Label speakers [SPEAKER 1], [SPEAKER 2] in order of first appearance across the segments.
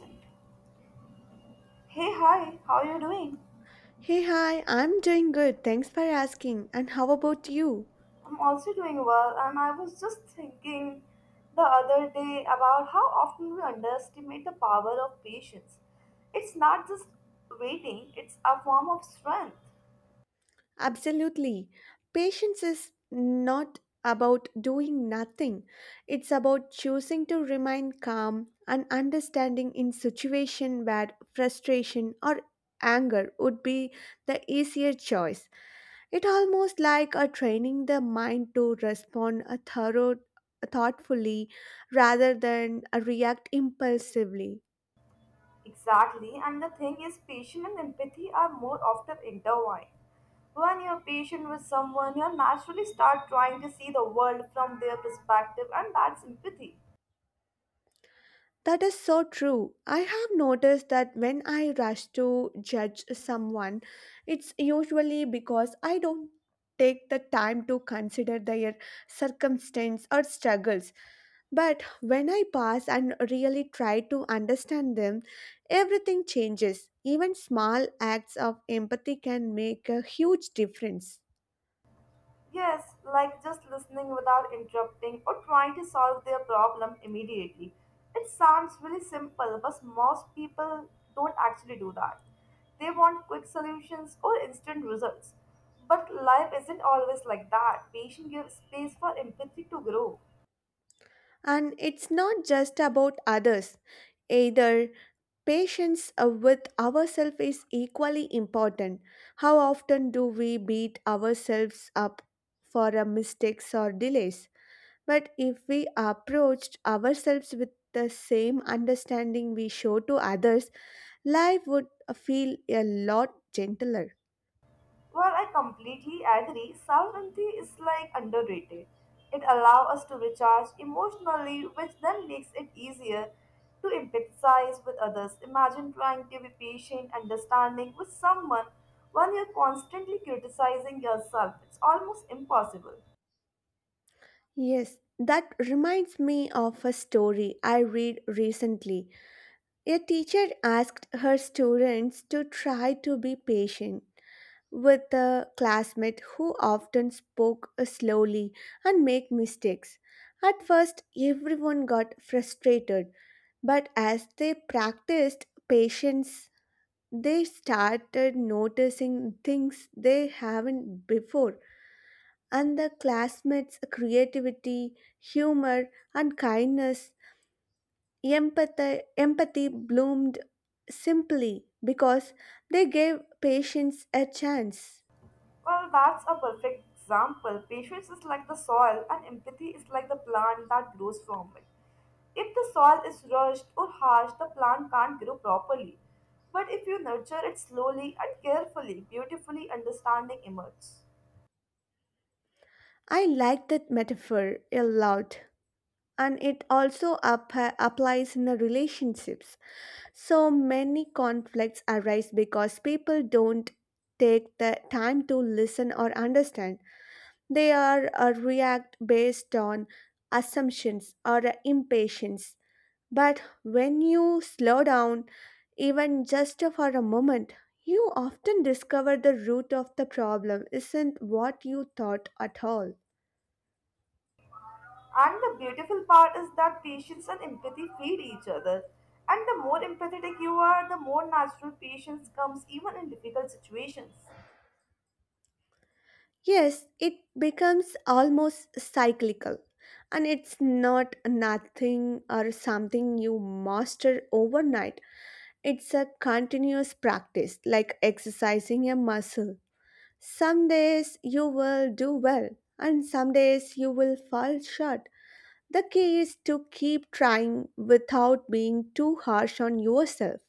[SPEAKER 1] Hey, hi, how are you doing?
[SPEAKER 2] Hey, hi, I'm doing good. Thanks for asking. And how about you?
[SPEAKER 1] I'm also doing well, and I was just thinking the other day about how often we underestimate the power of patience. It's not just waiting, it's a form of strength.
[SPEAKER 2] Absolutely. Patience is not about doing nothing, it's about choosing to remain calm and understanding in situation where frustration or anger would be the easier choice. It almost like a training the mind to respond a thorough thoughtfully rather than react impulsively.
[SPEAKER 1] Exactly, and the thing is, patience and empathy are more often intertwined. When you're patient with someone, you naturally start trying to see the world from their perspective, and that's empathy.
[SPEAKER 2] That is so true. I have noticed that when I rush to judge someone, it's usually because I don't take the time to consider their circumstance or struggles. But when I pass and really try to understand them, everything changes. Even small acts of empathy can make a huge difference.
[SPEAKER 1] Yes, like just listening without interrupting or trying to solve their problem immediately. It sounds really simple, but most people don't actually do that. They want quick solutions or instant results. But life isn't always like that. Patience gives space for empathy to grow.
[SPEAKER 2] And it's not just about others either. Patience with ourselves is equally important. How often do we beat ourselves up for our mistakes or delays? But if we approached ourselves with the same understanding we show to others, life would feel a lot gentler.
[SPEAKER 1] Well, I completely agree. Self empathy is like underrated. It allows us to recharge emotionally, which then makes it easier to empathize with others. Imagine trying to be patient, understanding with someone when you're constantly criticizing yourself. It's almost impossible.
[SPEAKER 2] Yes, that reminds me of a story I read recently. A teacher asked her students to try to be patient with a classmate who often spoke slowly and made mistakes. At first, everyone got frustrated, but as they practiced patience, they started noticing things they haven't before, and the classmates' creativity, humor, and kindness. Empathy bloomed simply because they gave patients a chance.
[SPEAKER 1] Well, that's a perfect example. Patience is like the soil, and empathy is like the plant that grows from it. If the soil is rushed or harsh, the plant can't grow properly. But if you nurture it slowly and carefully, beautifully, understanding emerges.
[SPEAKER 2] I like that metaphor a lot, and it also applies in the relationships. So many conflicts arise because people don't take the time to listen or understand. They are react based on assumptions or impatience. But when you slow down, even just for a moment, you often discover the root of the problem isn't what you thought at all.
[SPEAKER 1] And the beautiful part is that patience and empathy feed each other. And the more empathetic you are, the more natural patience comes even in difficult situations.
[SPEAKER 2] Yes, it becomes almost cyclical, and it's not nothing or something you master overnight. It's a continuous practice, like exercising a muscle. Some days you will do well, and some days you will fall short. The key is to keep trying without being too harsh on yourself.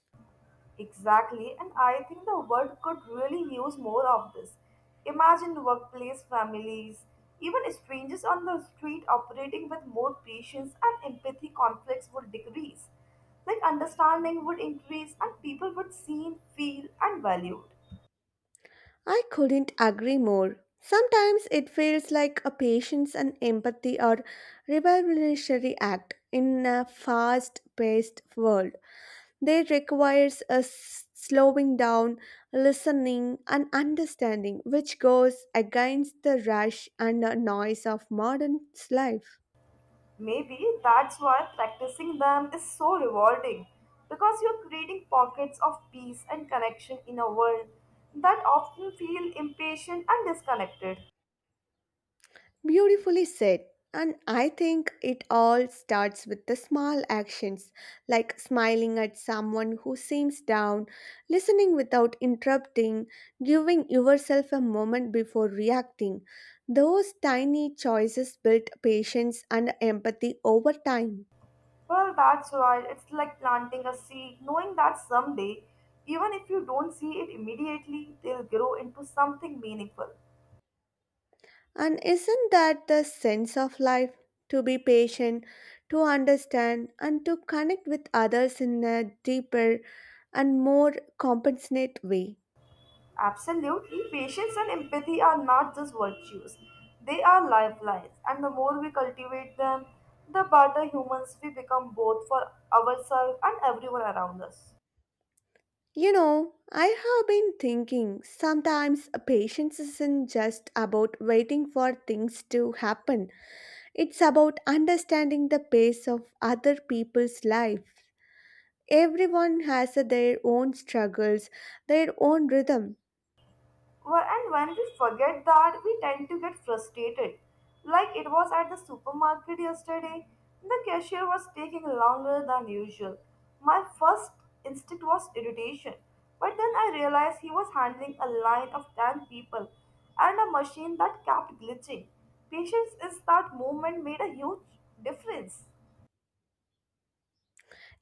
[SPEAKER 1] Exactly, and I think the world could really use more of this. Imagine workplace families, even strangers on the street operating with more patience and empathy conflicts would decrease. Like understanding would increase and people would see, feel, and valued.
[SPEAKER 2] I couldn't agree more. Sometimes it feels like a patience and empathy are revolutionary act in a fast-paced world. They requires us slowing down, listening and understanding which goes against the rush and the noise of modern life.
[SPEAKER 1] Maybe that's why practicing them is so rewarding because you're creating pockets of peace and connection in a world that often feel impatient and disconnected.
[SPEAKER 2] Beautifully said. And I think it all starts with the small actions, like smiling at someone who seems down, listening without interrupting, giving yourself a moment before reacting. Those tiny choices build patience and empathy over time.
[SPEAKER 1] Well, that's right. It's like planting a seed, knowing that someday, even if you don't see it immediately, they'll grow into something meaningful.
[SPEAKER 2] And isn't that the sense of life? To be patient, to understand, and to connect with others in a deeper and more compassionate way.
[SPEAKER 1] Absolutely, patience and empathy are not just virtues, they are lifelines, and the more we cultivate them, the better humans we become both for ourselves and everyone around us.
[SPEAKER 2] You know, I have been thinking sometimes patience isn't just about waiting for things to happen, it's about understanding the pace of other people's life. Everyone has their own struggles, their own rhythm.
[SPEAKER 1] Well, and when we forget that, we tend to get frustrated. Like it was at the supermarket yesterday, the cashier was taking longer than usual. My first instinct was irritation, but then I realized he was handling a line of 10 people and a machine that kept glitching. Patience is that moment made a huge difference.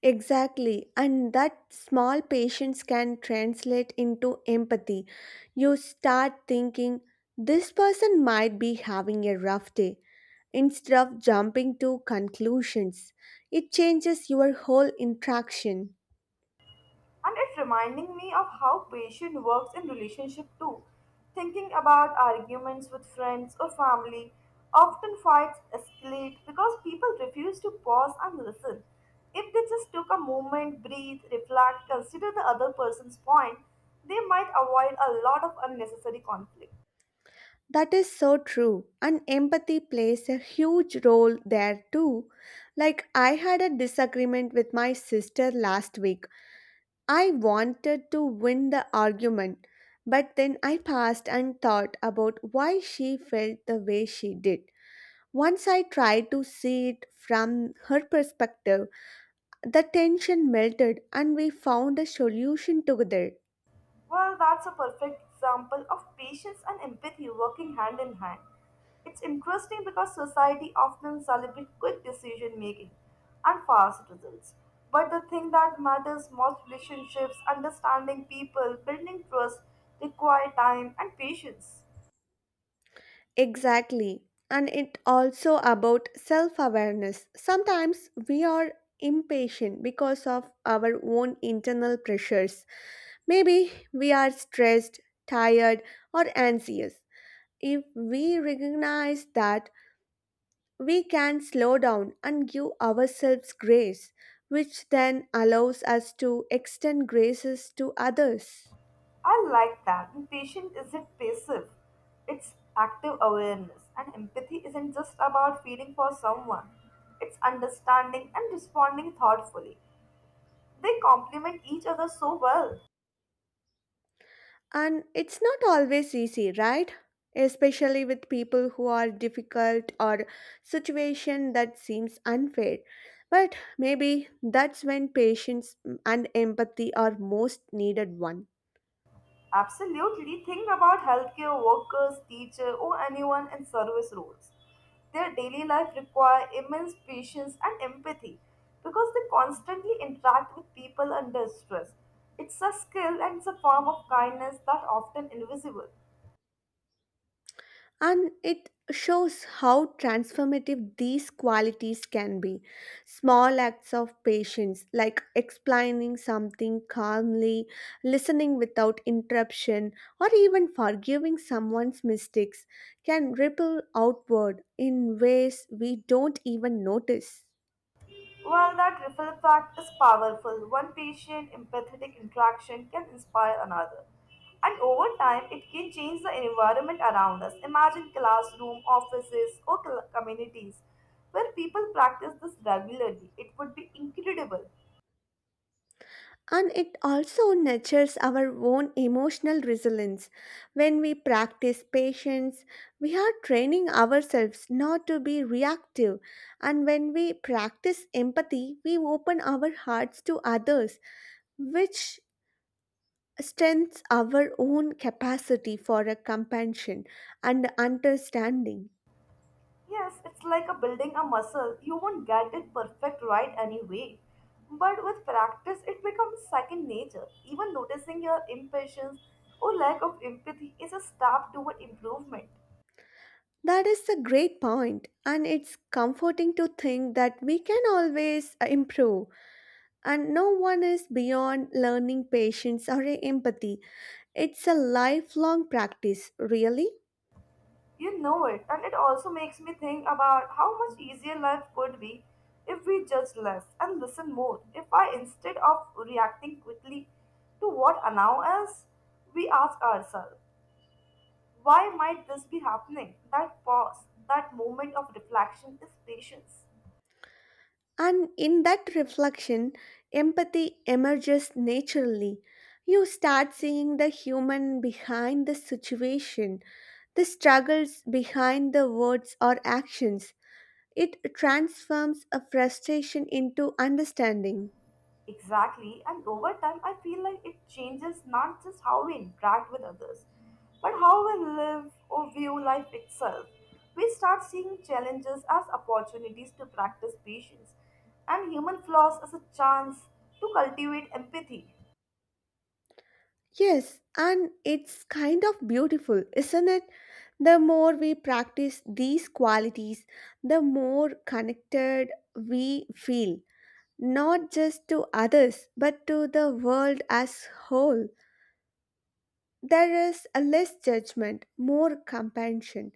[SPEAKER 2] Exactly, and that small patience can translate into empathy. You start thinking, this person might be having a rough day, instead of jumping to conclusions. It changes your whole interaction.
[SPEAKER 1] And it's reminding me of how patience works in relationship too. Thinking about arguments with friends or family, often fights escalate because people refuse to pause and listen. If they just took a moment, breathe, reflect, consider the other person's point, they might avoid a lot of unnecessary conflict.
[SPEAKER 2] That is so true, and empathy plays a huge role there too. Like, I had a disagreement with my sister last week. I wanted to win the argument, but then I paused and thought about why she felt the way she did. Once I tried to see it from her perspective, the tension melted and we found a solution together.
[SPEAKER 1] Well, that's a perfect example of patience and empathy working hand in hand. It's interesting because society often celebrates quick decision making and fast results. But the thing that matters most relationships, understanding people, building trust require time and patience.
[SPEAKER 2] Exactly. And it also about self-awareness. Sometimes we are impatient because of our own internal pressures. Maybe we are stressed, tired, or anxious. If we recognize that we can slow down and give ourselves grace, which then allows us to extend graces to others.
[SPEAKER 1] I like that. And patience isn't passive, it's active awareness. And empathy isn't just about feeling for someone, it's understanding and responding thoughtfully. They complement each other so well.
[SPEAKER 2] And it's not always easy, right? Especially with people who are difficult or situation that seems unfair. But maybe that's when patience and empathy are most needed one.
[SPEAKER 1] Absolutely. Think about healthcare workers, teachers, or anyone in service roles. Their daily life require immense patience and empathy because they constantly interact with people under stress. It's a skill and it's a form of kindness that often invisible.
[SPEAKER 2] And it shows how transformative these qualities can be. Small acts of patience, like explaining something calmly, listening without interruption, or even forgiving someone's mistakes, can ripple outward in ways we don't even notice.
[SPEAKER 1] Well, that ripple effect is powerful. One patient empathetic interaction can inspire another. And over time, it can change the environment around us. Imagine classroom, offices, or communities where people practice this regularly. It would be incredible.
[SPEAKER 2] And it also nurtures our own emotional resilience. When we practice patience, we are training ourselves not to be reactive. And when we practice empathy, we open our hearts to others, which strengthens our own capacity for a compassion and understanding.
[SPEAKER 1] Yes, it's like a building a muscle. You won't get it perfect right anyway. But with practice, it becomes second nature. Even noticing your impatience or lack of empathy is a step toward improvement.
[SPEAKER 2] That is a great point, and it's comforting to think that we can always improve and no one is beyond learning patience or empathy. It's a lifelong practice, really.
[SPEAKER 1] You know it, and it also makes me think about how much easier life could be if we judge less and listen more. If I, instead of reacting quickly to what annoys us, we ask ourselves, why might this be happening? That pause, that moment of reflection is patience.
[SPEAKER 2] And in that reflection, empathy emerges naturally. You start seeing the human behind the situation, the struggles behind the words or actions. It transforms a frustration into understanding.
[SPEAKER 1] Exactly, and over time, I feel like it changes not just how we interact with others, but how we live or view life itself. We start seeing challenges as opportunities to practice patience and human flaws as a chance to cultivate empathy.
[SPEAKER 2] Yes, and it's kind of beautiful, isn't it? The more we practice these qualities, the more connected we feel, not just to others, but to the world as whole. There is a less judgment, more compassion,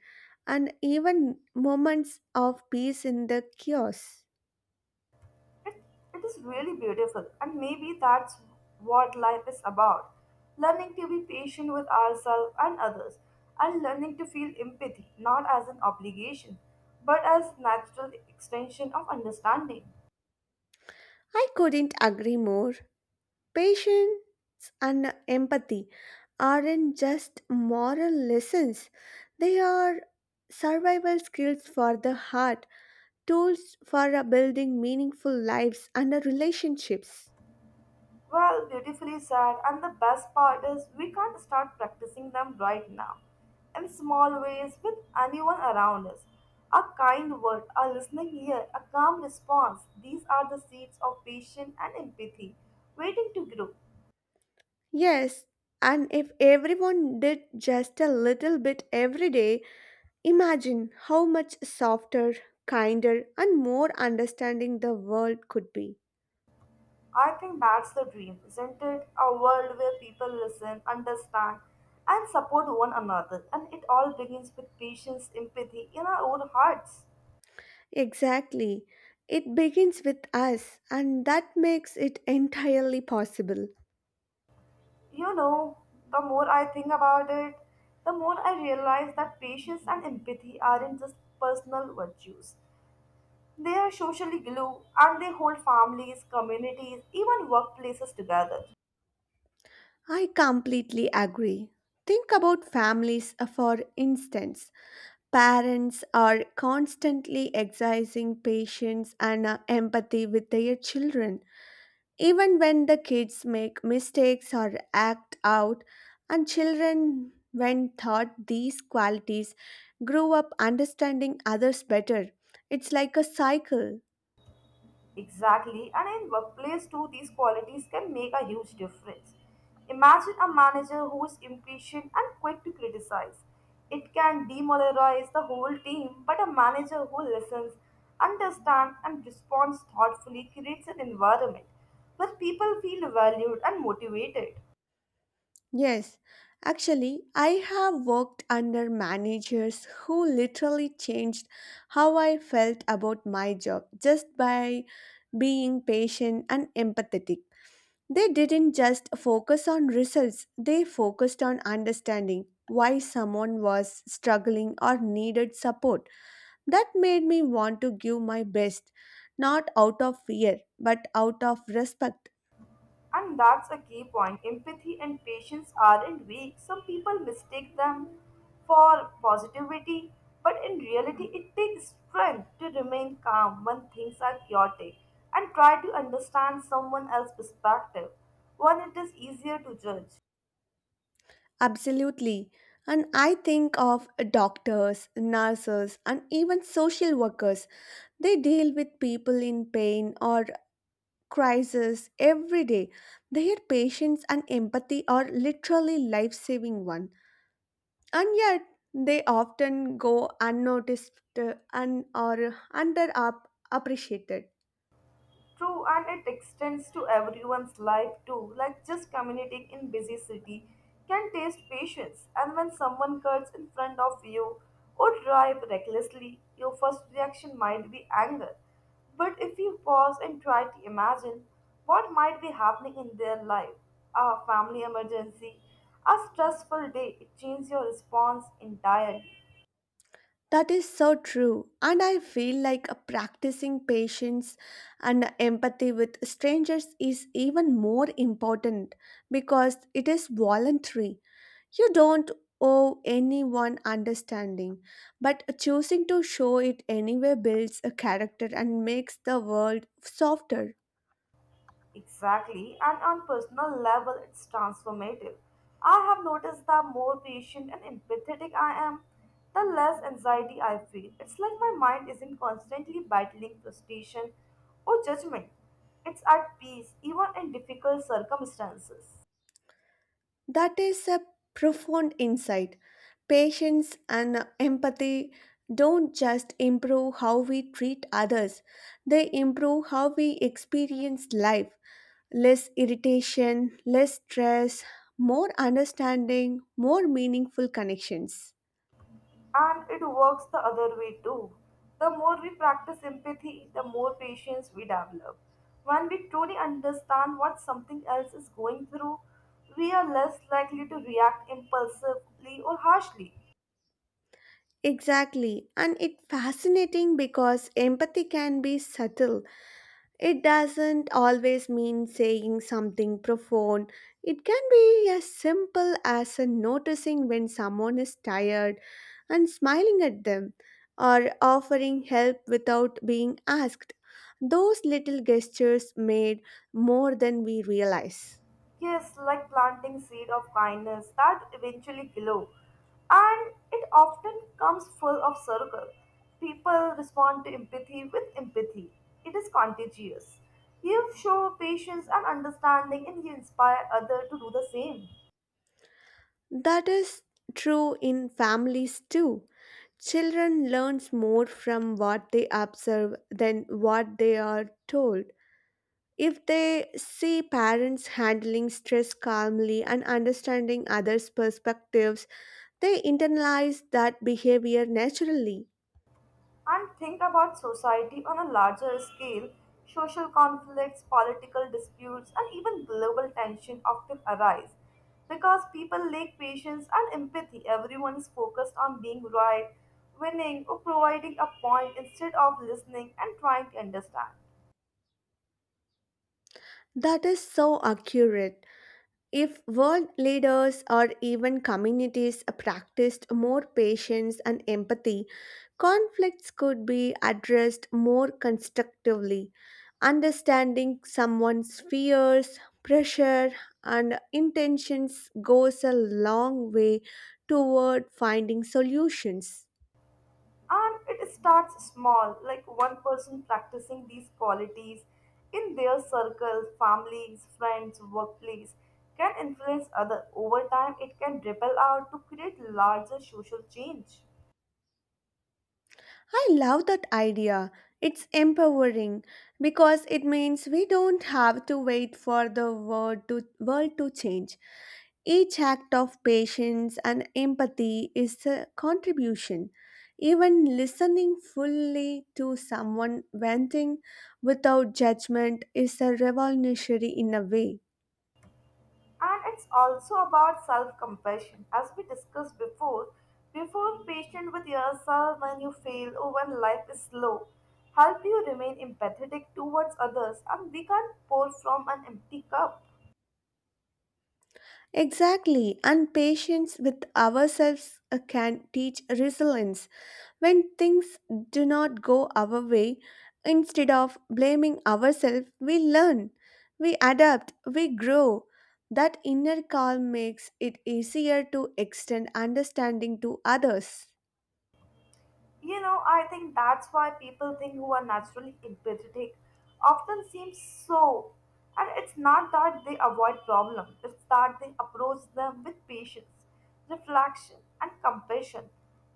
[SPEAKER 2] and even moments of peace in the chaos.
[SPEAKER 1] It, it is really beautiful, and maybe that's what life is about learning to be patient with ourselves and others, and learning to feel empathy not as an obligation, but as natural extension of understanding.
[SPEAKER 2] I couldn't agree more. Patience and empathy aren't just moral lessons, they are survival skills for the heart, tools for building meaningful lives and relationships.
[SPEAKER 1] Well, beautifully said. And the best part is, we can't start practicing them right now. In small ways, with anyone around us. A kind word, a listening ear, a calm response. These are the seeds of patience and empathy, waiting to grow.
[SPEAKER 2] Yes, and if everyone did just a little bit every day, imagine how much softer, kinder, and more understanding the world could be.
[SPEAKER 1] I think that's the dream, isn't it? A world where people listen, understand, and support one another. And it all begins with patience, empathy in our own hearts.
[SPEAKER 2] Exactly. It begins with us, and that makes it entirely possible.
[SPEAKER 1] You know, the more I think about it, the more I realize that patience and empathy aren't just personal virtues. They are socially glue and they hold families, communities, even workplaces together.
[SPEAKER 2] I completely agree. Think about families, for instance. Parents are constantly exercising patience and empathy with their children, even when the kids make mistakes or act out, and children, when taught these qualities, grow up understanding others better. It's like a cycle.
[SPEAKER 1] Exactly, and in workplace too, these qualities can make a huge difference. Imagine a manager who is impatient and quick to criticize. It can demoralize the whole team, but a manager who listens, understands, and responds thoughtfully creates an environment where people feel valued and motivated.
[SPEAKER 2] Yes, actually, I have worked under managers who literally changed how I felt about my job just by being patient and empathetic. They didn't just focus on results, they focused on understanding why someone was struggling or needed support. That made me want to give my best, not out of fear, but out of respect.
[SPEAKER 1] And that's a key point. Empathy and patience aren't weak. Some people mistake them for positivity, but in reality, it takes strength to remain calm when things are chaotic and try to understand someone else's perspective when it is easier to judge.
[SPEAKER 2] Absolutely. And I think of doctors, nurses, and even social workers. They deal with people in pain or crisis every day. Their patience and empathy are literally life saving one. And yet, they often go unnoticed and are under appreciated.
[SPEAKER 1] True, and it extends to everyone's life too. Like just commuting in busy city can taste patience, and when someone cuts in front of you or drive recklessly, your first reaction might be anger. But if you pause and try to imagine what might be happening in their life, a family emergency, a stressful day, it changes your response entirely.
[SPEAKER 2] That is so true. And I feel like practicing patience and empathy with strangers is even more important because it is voluntary. You don't owe anyone understanding, but choosing to show it anyway builds a character and makes the world softer.
[SPEAKER 1] Exactly, and on personal level, it's transformative. I have noticed that more patient and empathetic I am, the less anxiety I feel. It's like my mind isn't constantly battling frustration or judgment. It's at peace, even in difficult circumstances.
[SPEAKER 2] That is a profound insight. Patience and empathy don't just improve how we treat others, they improve how we experience life. Less irritation, less stress, more understanding, more meaningful connections.
[SPEAKER 1] And it works the other way too. The more we practice empathy, the more patience we develop. When we truly understand what something else is going through, we are less likely to react impulsively or harshly.
[SPEAKER 2] Exactly, and it's fascinating because empathy can be subtle. It doesn't always mean saying something profound. It can be as simple as a noticing when someone is tired and smiling at them, or offering help without being asked. Those little gestures made more than we realize.
[SPEAKER 1] Yes, like planting seed of kindness that eventually grow. And it often comes full of circle. People respond to empathy with empathy. It is contagious. You show patience and understanding and you inspire others to do the same.
[SPEAKER 2] That is true in families too. Children learns more from what they observe than what they are told. If they see parents handling stress calmly and understanding others' perspectives, they internalize that behavior naturally.
[SPEAKER 1] And think about society on a larger scale, social conflicts, political disputes, and even global tension often arise because people lack patience and empathy. Everyone is focused on being right, winning, or providing a point instead of listening and trying to understand.
[SPEAKER 2] That is so accurate. If world leaders or even communities practiced more patience and empathy, conflicts could be addressed more constructively. Understanding someone's fears, pressure, and intentions goes a long way toward finding solutions.
[SPEAKER 1] And it starts small, like one person practicing these qualities in their circle, families, friends, workplace can influence other. Over time, it can ripple out to create larger social change.
[SPEAKER 2] I love that idea. It's empowering because it means we don't have to wait for world to change. Each act of patience and empathy is a contribution. Even listening fully to someone venting without judgment is a revolutionary in a way.
[SPEAKER 1] And it's also about self-compassion. As we discussed before, before patient with yourself when you fail or when life is slow, help you remain empathetic towards others and we can't pour from an empty cup.
[SPEAKER 2] Exactly, and patience with ourselves can teach resilience. When things do not go our way, instead of blaming ourselves, we learn, we adapt, we grow. That inner calm makes it easier to extend understanding to others.
[SPEAKER 1] You know, I think that's why people think who are naturally empathetic often seem so. And it's not that they avoid problems, it's that they approach them with patience, reflection, and compassion.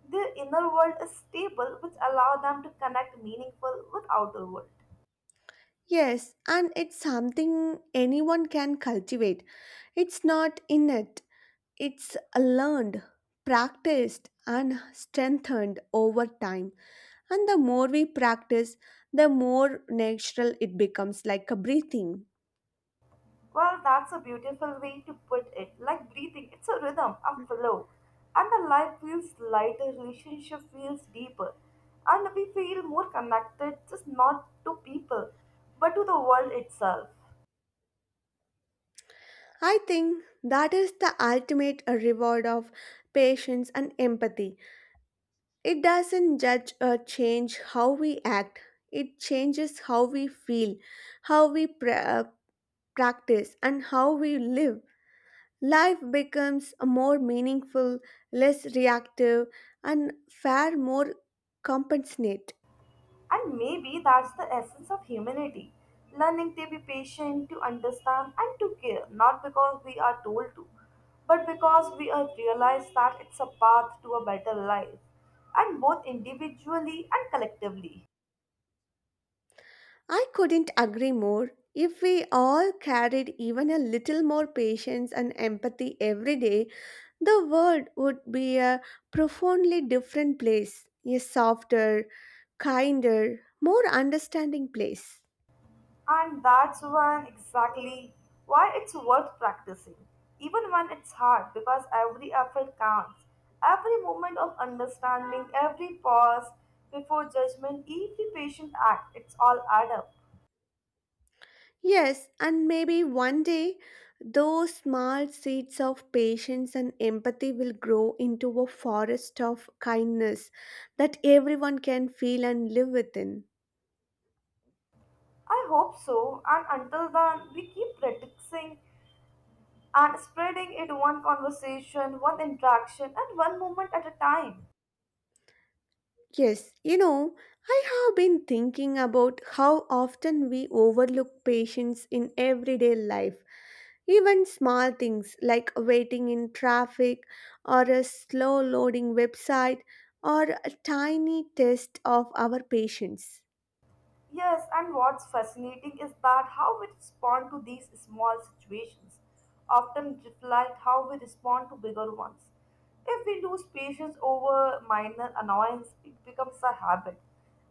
[SPEAKER 1] Their inner world is stable, which allow them to connect meaningful with outer world.
[SPEAKER 2] Yes, and it's something anyone can cultivate. It's not innate, it's learned, practiced, and strengthened over time. And the more we practice, the more natural it becomes like a breathing.
[SPEAKER 1] Well, that's a beautiful way to put it. Like breathing, it's a rhythm, a flow. And the life feels lighter, relationship feels deeper. And we feel more connected, just not to people, but to the world itself.
[SPEAKER 2] I think that is the ultimate reward of patience and empathy. It doesn't judge or change how we act, it changes how we feel, how we practice, and how we live. Life becomes a more meaningful, less reactive, and far more compassionate.
[SPEAKER 1] And maybe that's the essence of humanity learning to be patient, to understand, and to care, not because we are told to, but because we have realized that it's a path to a better life, and both individually and collectively.
[SPEAKER 2] I couldn't agree more. If we all carried even a little more patience and empathy every day, the world would be a profoundly different place, a softer, kinder, more understanding place.
[SPEAKER 1] And that's when exactly why it's worth practicing, even when it's hard, because every effort counts. Every moment of understanding, every pause before judgment, every patient act, it's all add up.
[SPEAKER 2] Yes, and maybe one day those small seeds of patience and empathy will grow into a forest of kindness that everyone can feel and live within.
[SPEAKER 1] I hope so, and until then, we keep practicing and spreading it one conversation, one interaction, and one moment at a time.
[SPEAKER 2] Yes, you know, I have been thinking about how often we overlook patience in everyday life. Even small things like waiting in traffic or a slow loading website or a tiny test of our patience.
[SPEAKER 1] Yes, and what's fascinating is that how we respond to these small situations often reflect how we respond to bigger ones. If we lose patience over minor annoyance, it becomes a habit.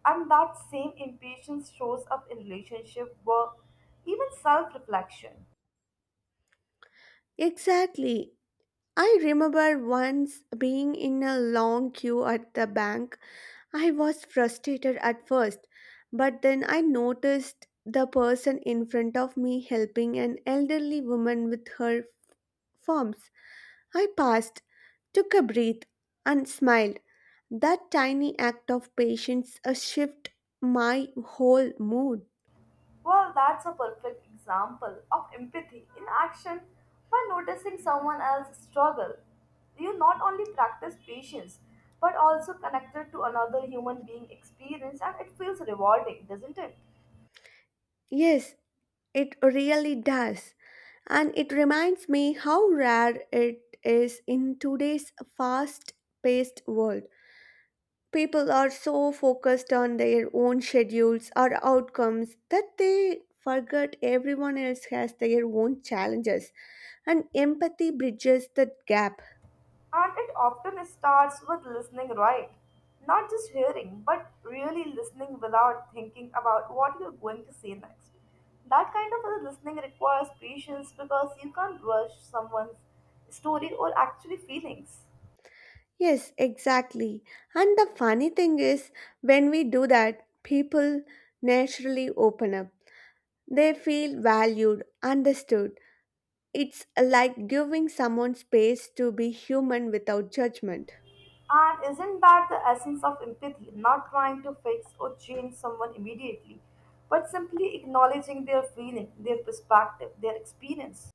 [SPEAKER 1] And that same impatience shows up in relationship, work, even self-reflection.
[SPEAKER 2] Exactly. I remember once being in a long queue at the bank. I was frustrated at first, but then I noticed the person in front of me helping an elderly woman with her forms. I paused, took a breath, and smiled. That tiny act of patience shifted my whole mood.
[SPEAKER 1] Well, that's a perfect example of empathy in action by noticing someone else's struggle. You not only practice patience but also connected to another human being experience and it feels rewarding, doesn't it?
[SPEAKER 2] Yes, it really does. And it reminds me how rare it is in today's fast paced world. People are so focused on their own schedules or outcomes that they forget everyone else has their own challenges. And empathy bridges that gap.
[SPEAKER 1] And it often starts with listening right. Not just hearing, but really listening without thinking about what you're going to say next. That kind of listening requires patience because you can't rush someone's story or actually feelings.
[SPEAKER 2] Yes, exactly. And the funny thing is, when we do that, people naturally open up. They feel valued, understood. It's like giving someone space to be human without judgment.
[SPEAKER 1] And isn't that the essence of empathy? Not trying to fix or change someone immediately, but simply acknowledging their feeling, their perspective, their experience.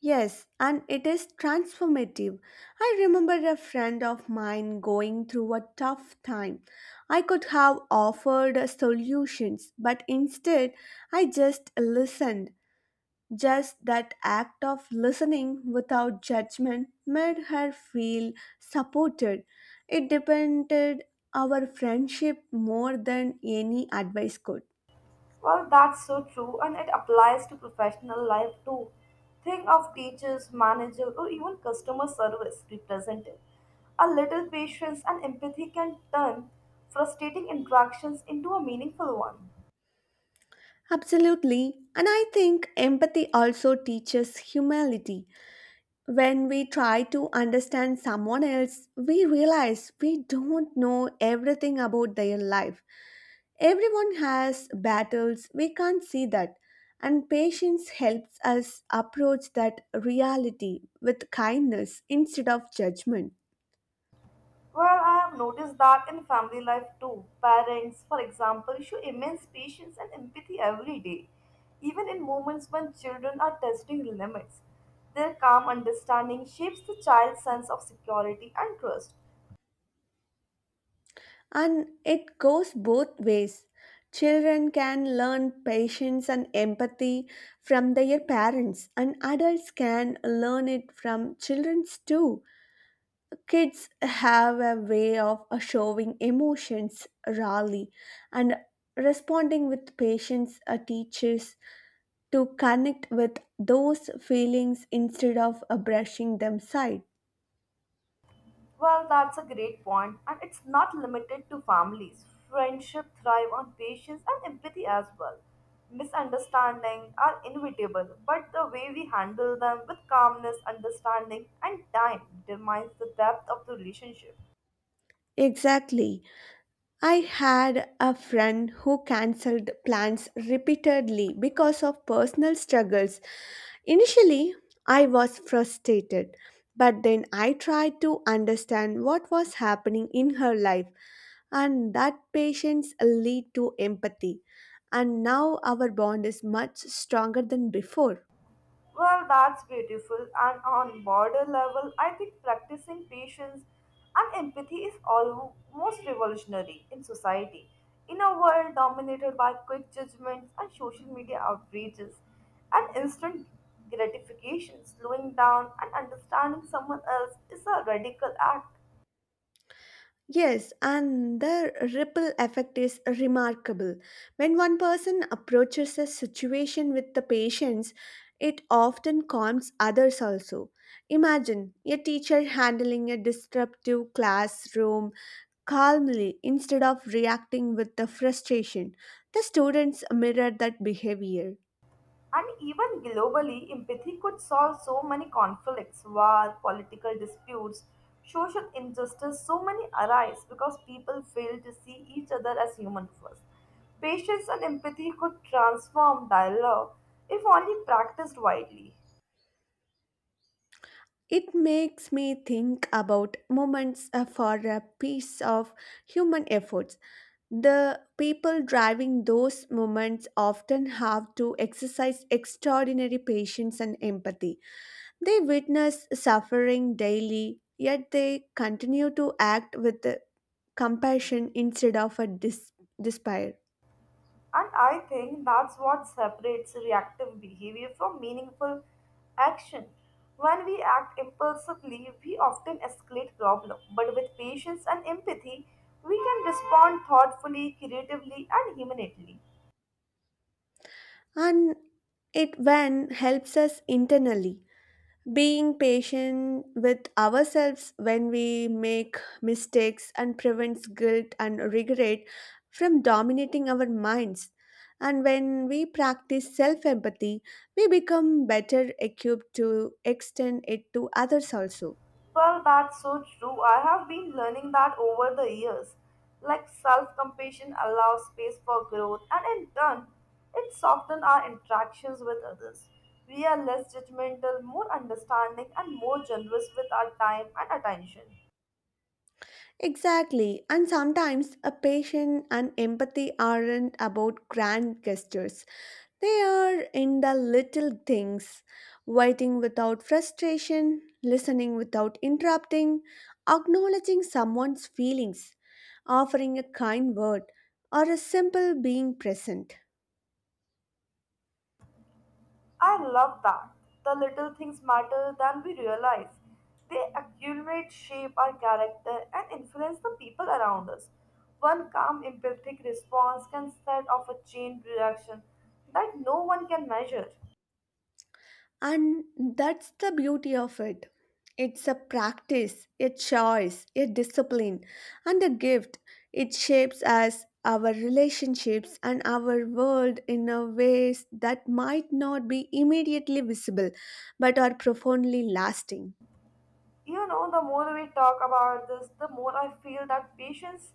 [SPEAKER 2] Yes, and it is transformative. I remember a friend of mine going through a tough time. I could have offered solutions, but instead I just listened. Just that act of listening without judgment made her feel supported. It depended our friendship more than any advice could.
[SPEAKER 1] Well, that's so true, and it applies to professional life too. Think of teachers, managers, or even customer service representative. A little patience and empathy can turn frustrating interactions into a meaningful one.
[SPEAKER 2] Absolutely. And I think empathy also teaches humility. When we try to understand someone else, we realize we don't know everything about their life. Everyone has battles, we can't see that. And patience helps us approach that reality with kindness instead of judgment.
[SPEAKER 1] Well, I have noticed that in family life too. Parents, for example, show immense patience and empathy every day, even in moments when children are testing limits. Their calm understanding shapes the child's sense of security and trust.
[SPEAKER 2] And it goes both ways. Children can learn patience and empathy from their parents, and adults can learn it from children too. Kids have a way of showing emotions rarely and responding with patience teaches to connect with those feelings instead of brushing them aside.
[SPEAKER 1] Well, that's a great point, and it's not limited to families. Friendship thrive on patience and empathy as well. Misunderstandings are inevitable, but the way we handle them with calmness, understanding, and time determines the depth of the relationship.
[SPEAKER 2] Exactly. I had a friend who cancelled plans repeatedly because of personal struggles. Initially, I was frustrated, but then I tried to understand what was happening in her life, and that patience lead to empathy. And now our bond is much stronger than before.
[SPEAKER 1] Well, that's beautiful. And on border level, I think practicing patience and empathy is almost revolutionary in society. In a world dominated by quick judgments and social media outrages and instant gratification, slowing down and understanding someone else is a radical act.
[SPEAKER 2] Yes, and the ripple effect is remarkable. When one person approaches a situation with the patience, it often calms others also. Imagine a teacher handling a disruptive classroom calmly instead of reacting with the frustration. The students mirror that behavior.
[SPEAKER 1] And even globally, empathy could solve so many conflicts, war, political disputes, social injustice, so many arise because people fail to see each other as human first. Patience and empathy could transform dialogue if only practiced widely.
[SPEAKER 2] It makes me think about moments for a piece of human efforts. The people driving those moments often have to exercise extraordinary patience and empathy. They witness suffering daily, yet they continue to act with compassion instead of a despair.
[SPEAKER 1] And I think that's what separates reactive behavior from meaningful action. When we act impulsively, we often escalate problem, but with patience and empathy, we can respond thoughtfully, creatively, and humanely.
[SPEAKER 2] And it when helps us internally, being patient with ourselves when we make mistakes and prevents guilt and regret from dominating our minds, and when we practice self empathy we become better equipped to extend it to others also.
[SPEAKER 1] Well, that's so true. I have been learning that over the years. Like self compassion allows space for growth, and in turn, it softens our interactions with others. We are less judgmental, more understanding, and more generous with our time and attention.
[SPEAKER 2] Exactly, and sometimes a patient and empathy aren't about grand gestures. They are in the little things: waiting without frustration, listening without interrupting, acknowledging someone's feelings, offering a kind word, or a simple being present.
[SPEAKER 1] I love that. The little things matter than we realize. They accumulate, shape our character, and influence the people around us. One calm, empathic response can set off a chain reaction that no one can measure.
[SPEAKER 2] And that's the beauty of it. It's a practice, a choice, a discipline, and a gift. It shapes us, our relationships, and our world in a ways that might not be immediately visible but are profoundly lasting.
[SPEAKER 1] You know, the more we talk about this, the more I feel that patience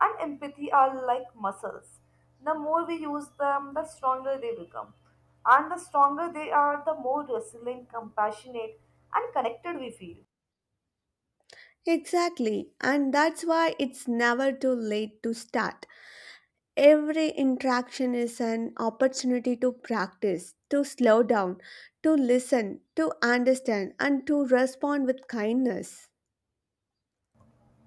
[SPEAKER 1] and empathy are like muscles. The more we use them, the stronger they become. And the stronger they are, the more resilient, compassionate, and connected we feel.
[SPEAKER 2] Exactly, and that's why it's never too late to start. Every interaction is an opportunity to practice, to slow down, to listen, to understand, and to respond with kindness.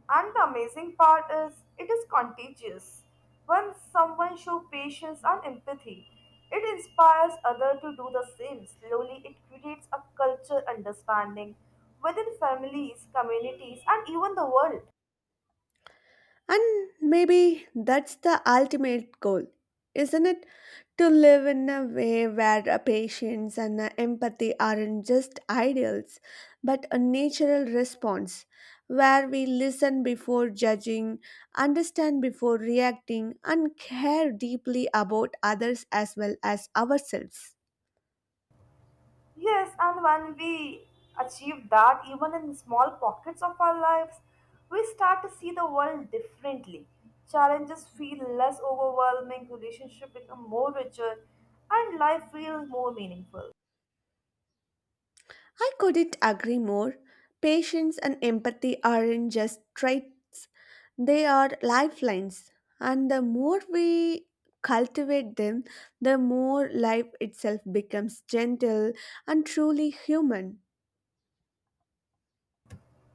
[SPEAKER 1] And the amazing part is, it is contagious. When someone shows patience and empathy, it inspires others to do the same. Slowly, it creates a culture understanding within families, communities, and even the world.
[SPEAKER 2] And maybe that's the ultimate goal, isn't it? To live in a way where a patience and a empathy aren't just ideals but a natural response, where we listen before judging, understand before reacting, and care deeply about others as well as ourselves.
[SPEAKER 1] Yes, and when we achieve that, even in small pockets of our lives, we start to see the world differently. Challenges feel less overwhelming, relationships become more richer, and life feels more meaningful.
[SPEAKER 2] I couldn't agree more. Patience and empathy aren't just traits, they are lifelines. And the more we cultivate them, the more life itself becomes gentle and truly human.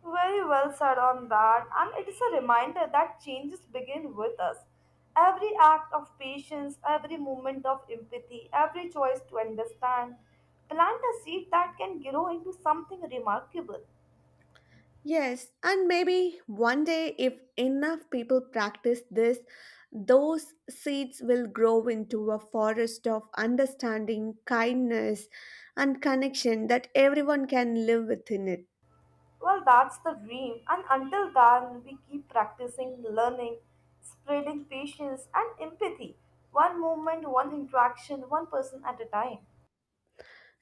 [SPEAKER 1] Very well said on that, and it is a reminder that changes begin with us. Every act of patience, every moment of empathy, every choice to understand, plant a seed that can grow into something remarkable.
[SPEAKER 2] Yes, and maybe one day, if enough people practice this, those seeds will grow into a forest of understanding, kindness, and connection that everyone can live within it.
[SPEAKER 1] Well, that's the dream, and until then, we keep practicing, learning, spreading patience and empathy, one moment, one interaction, one person at a time.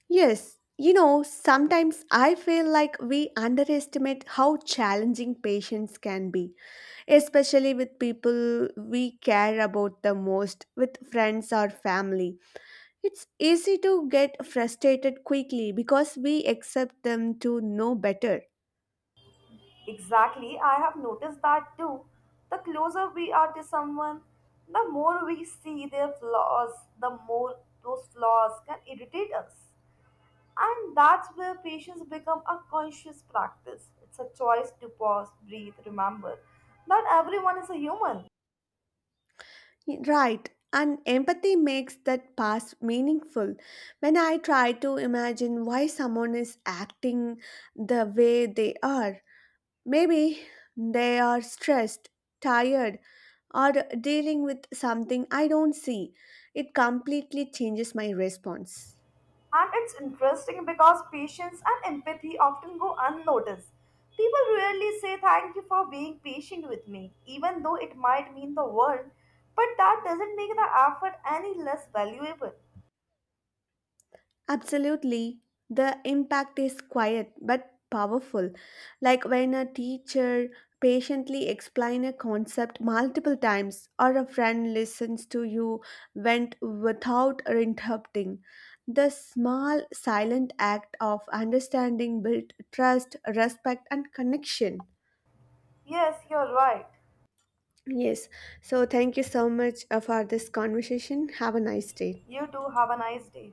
[SPEAKER 2] Yes, you know, sometimes I feel like we underestimate how challenging patience can be, especially with people we care about the most, with friends or family. It's easy to get frustrated quickly because we accept them to know better.
[SPEAKER 1] Exactly, I have noticed that too. The closer we are to someone, the more we see their flaws, the more those flaws can irritate us. And that's where patience becomes a conscious practice. It's a choice to pause, breathe, remember that everyone is a human.
[SPEAKER 2] Right. And empathy makes that past meaningful. When I try to imagine why someone is acting the way they are, maybe they are stressed, tired, or dealing with something I don't see. It completely changes my response.
[SPEAKER 1] And it's interesting because patience and empathy often go unnoticed. People rarely say thank you for being patient with me, even though it might mean the world, but that doesn't make the effort any less valuable.
[SPEAKER 2] Absolutely. The impact is quiet but powerful. Like when a teacher patiently explains a concept multiple times, or a friend listens to you vent without interrupting. The small silent act of understanding built trust, respect and connection.
[SPEAKER 1] Yes, you're right.
[SPEAKER 2] Yes. So thank you so much for this conversation. Have a nice day.
[SPEAKER 1] You too have a nice day.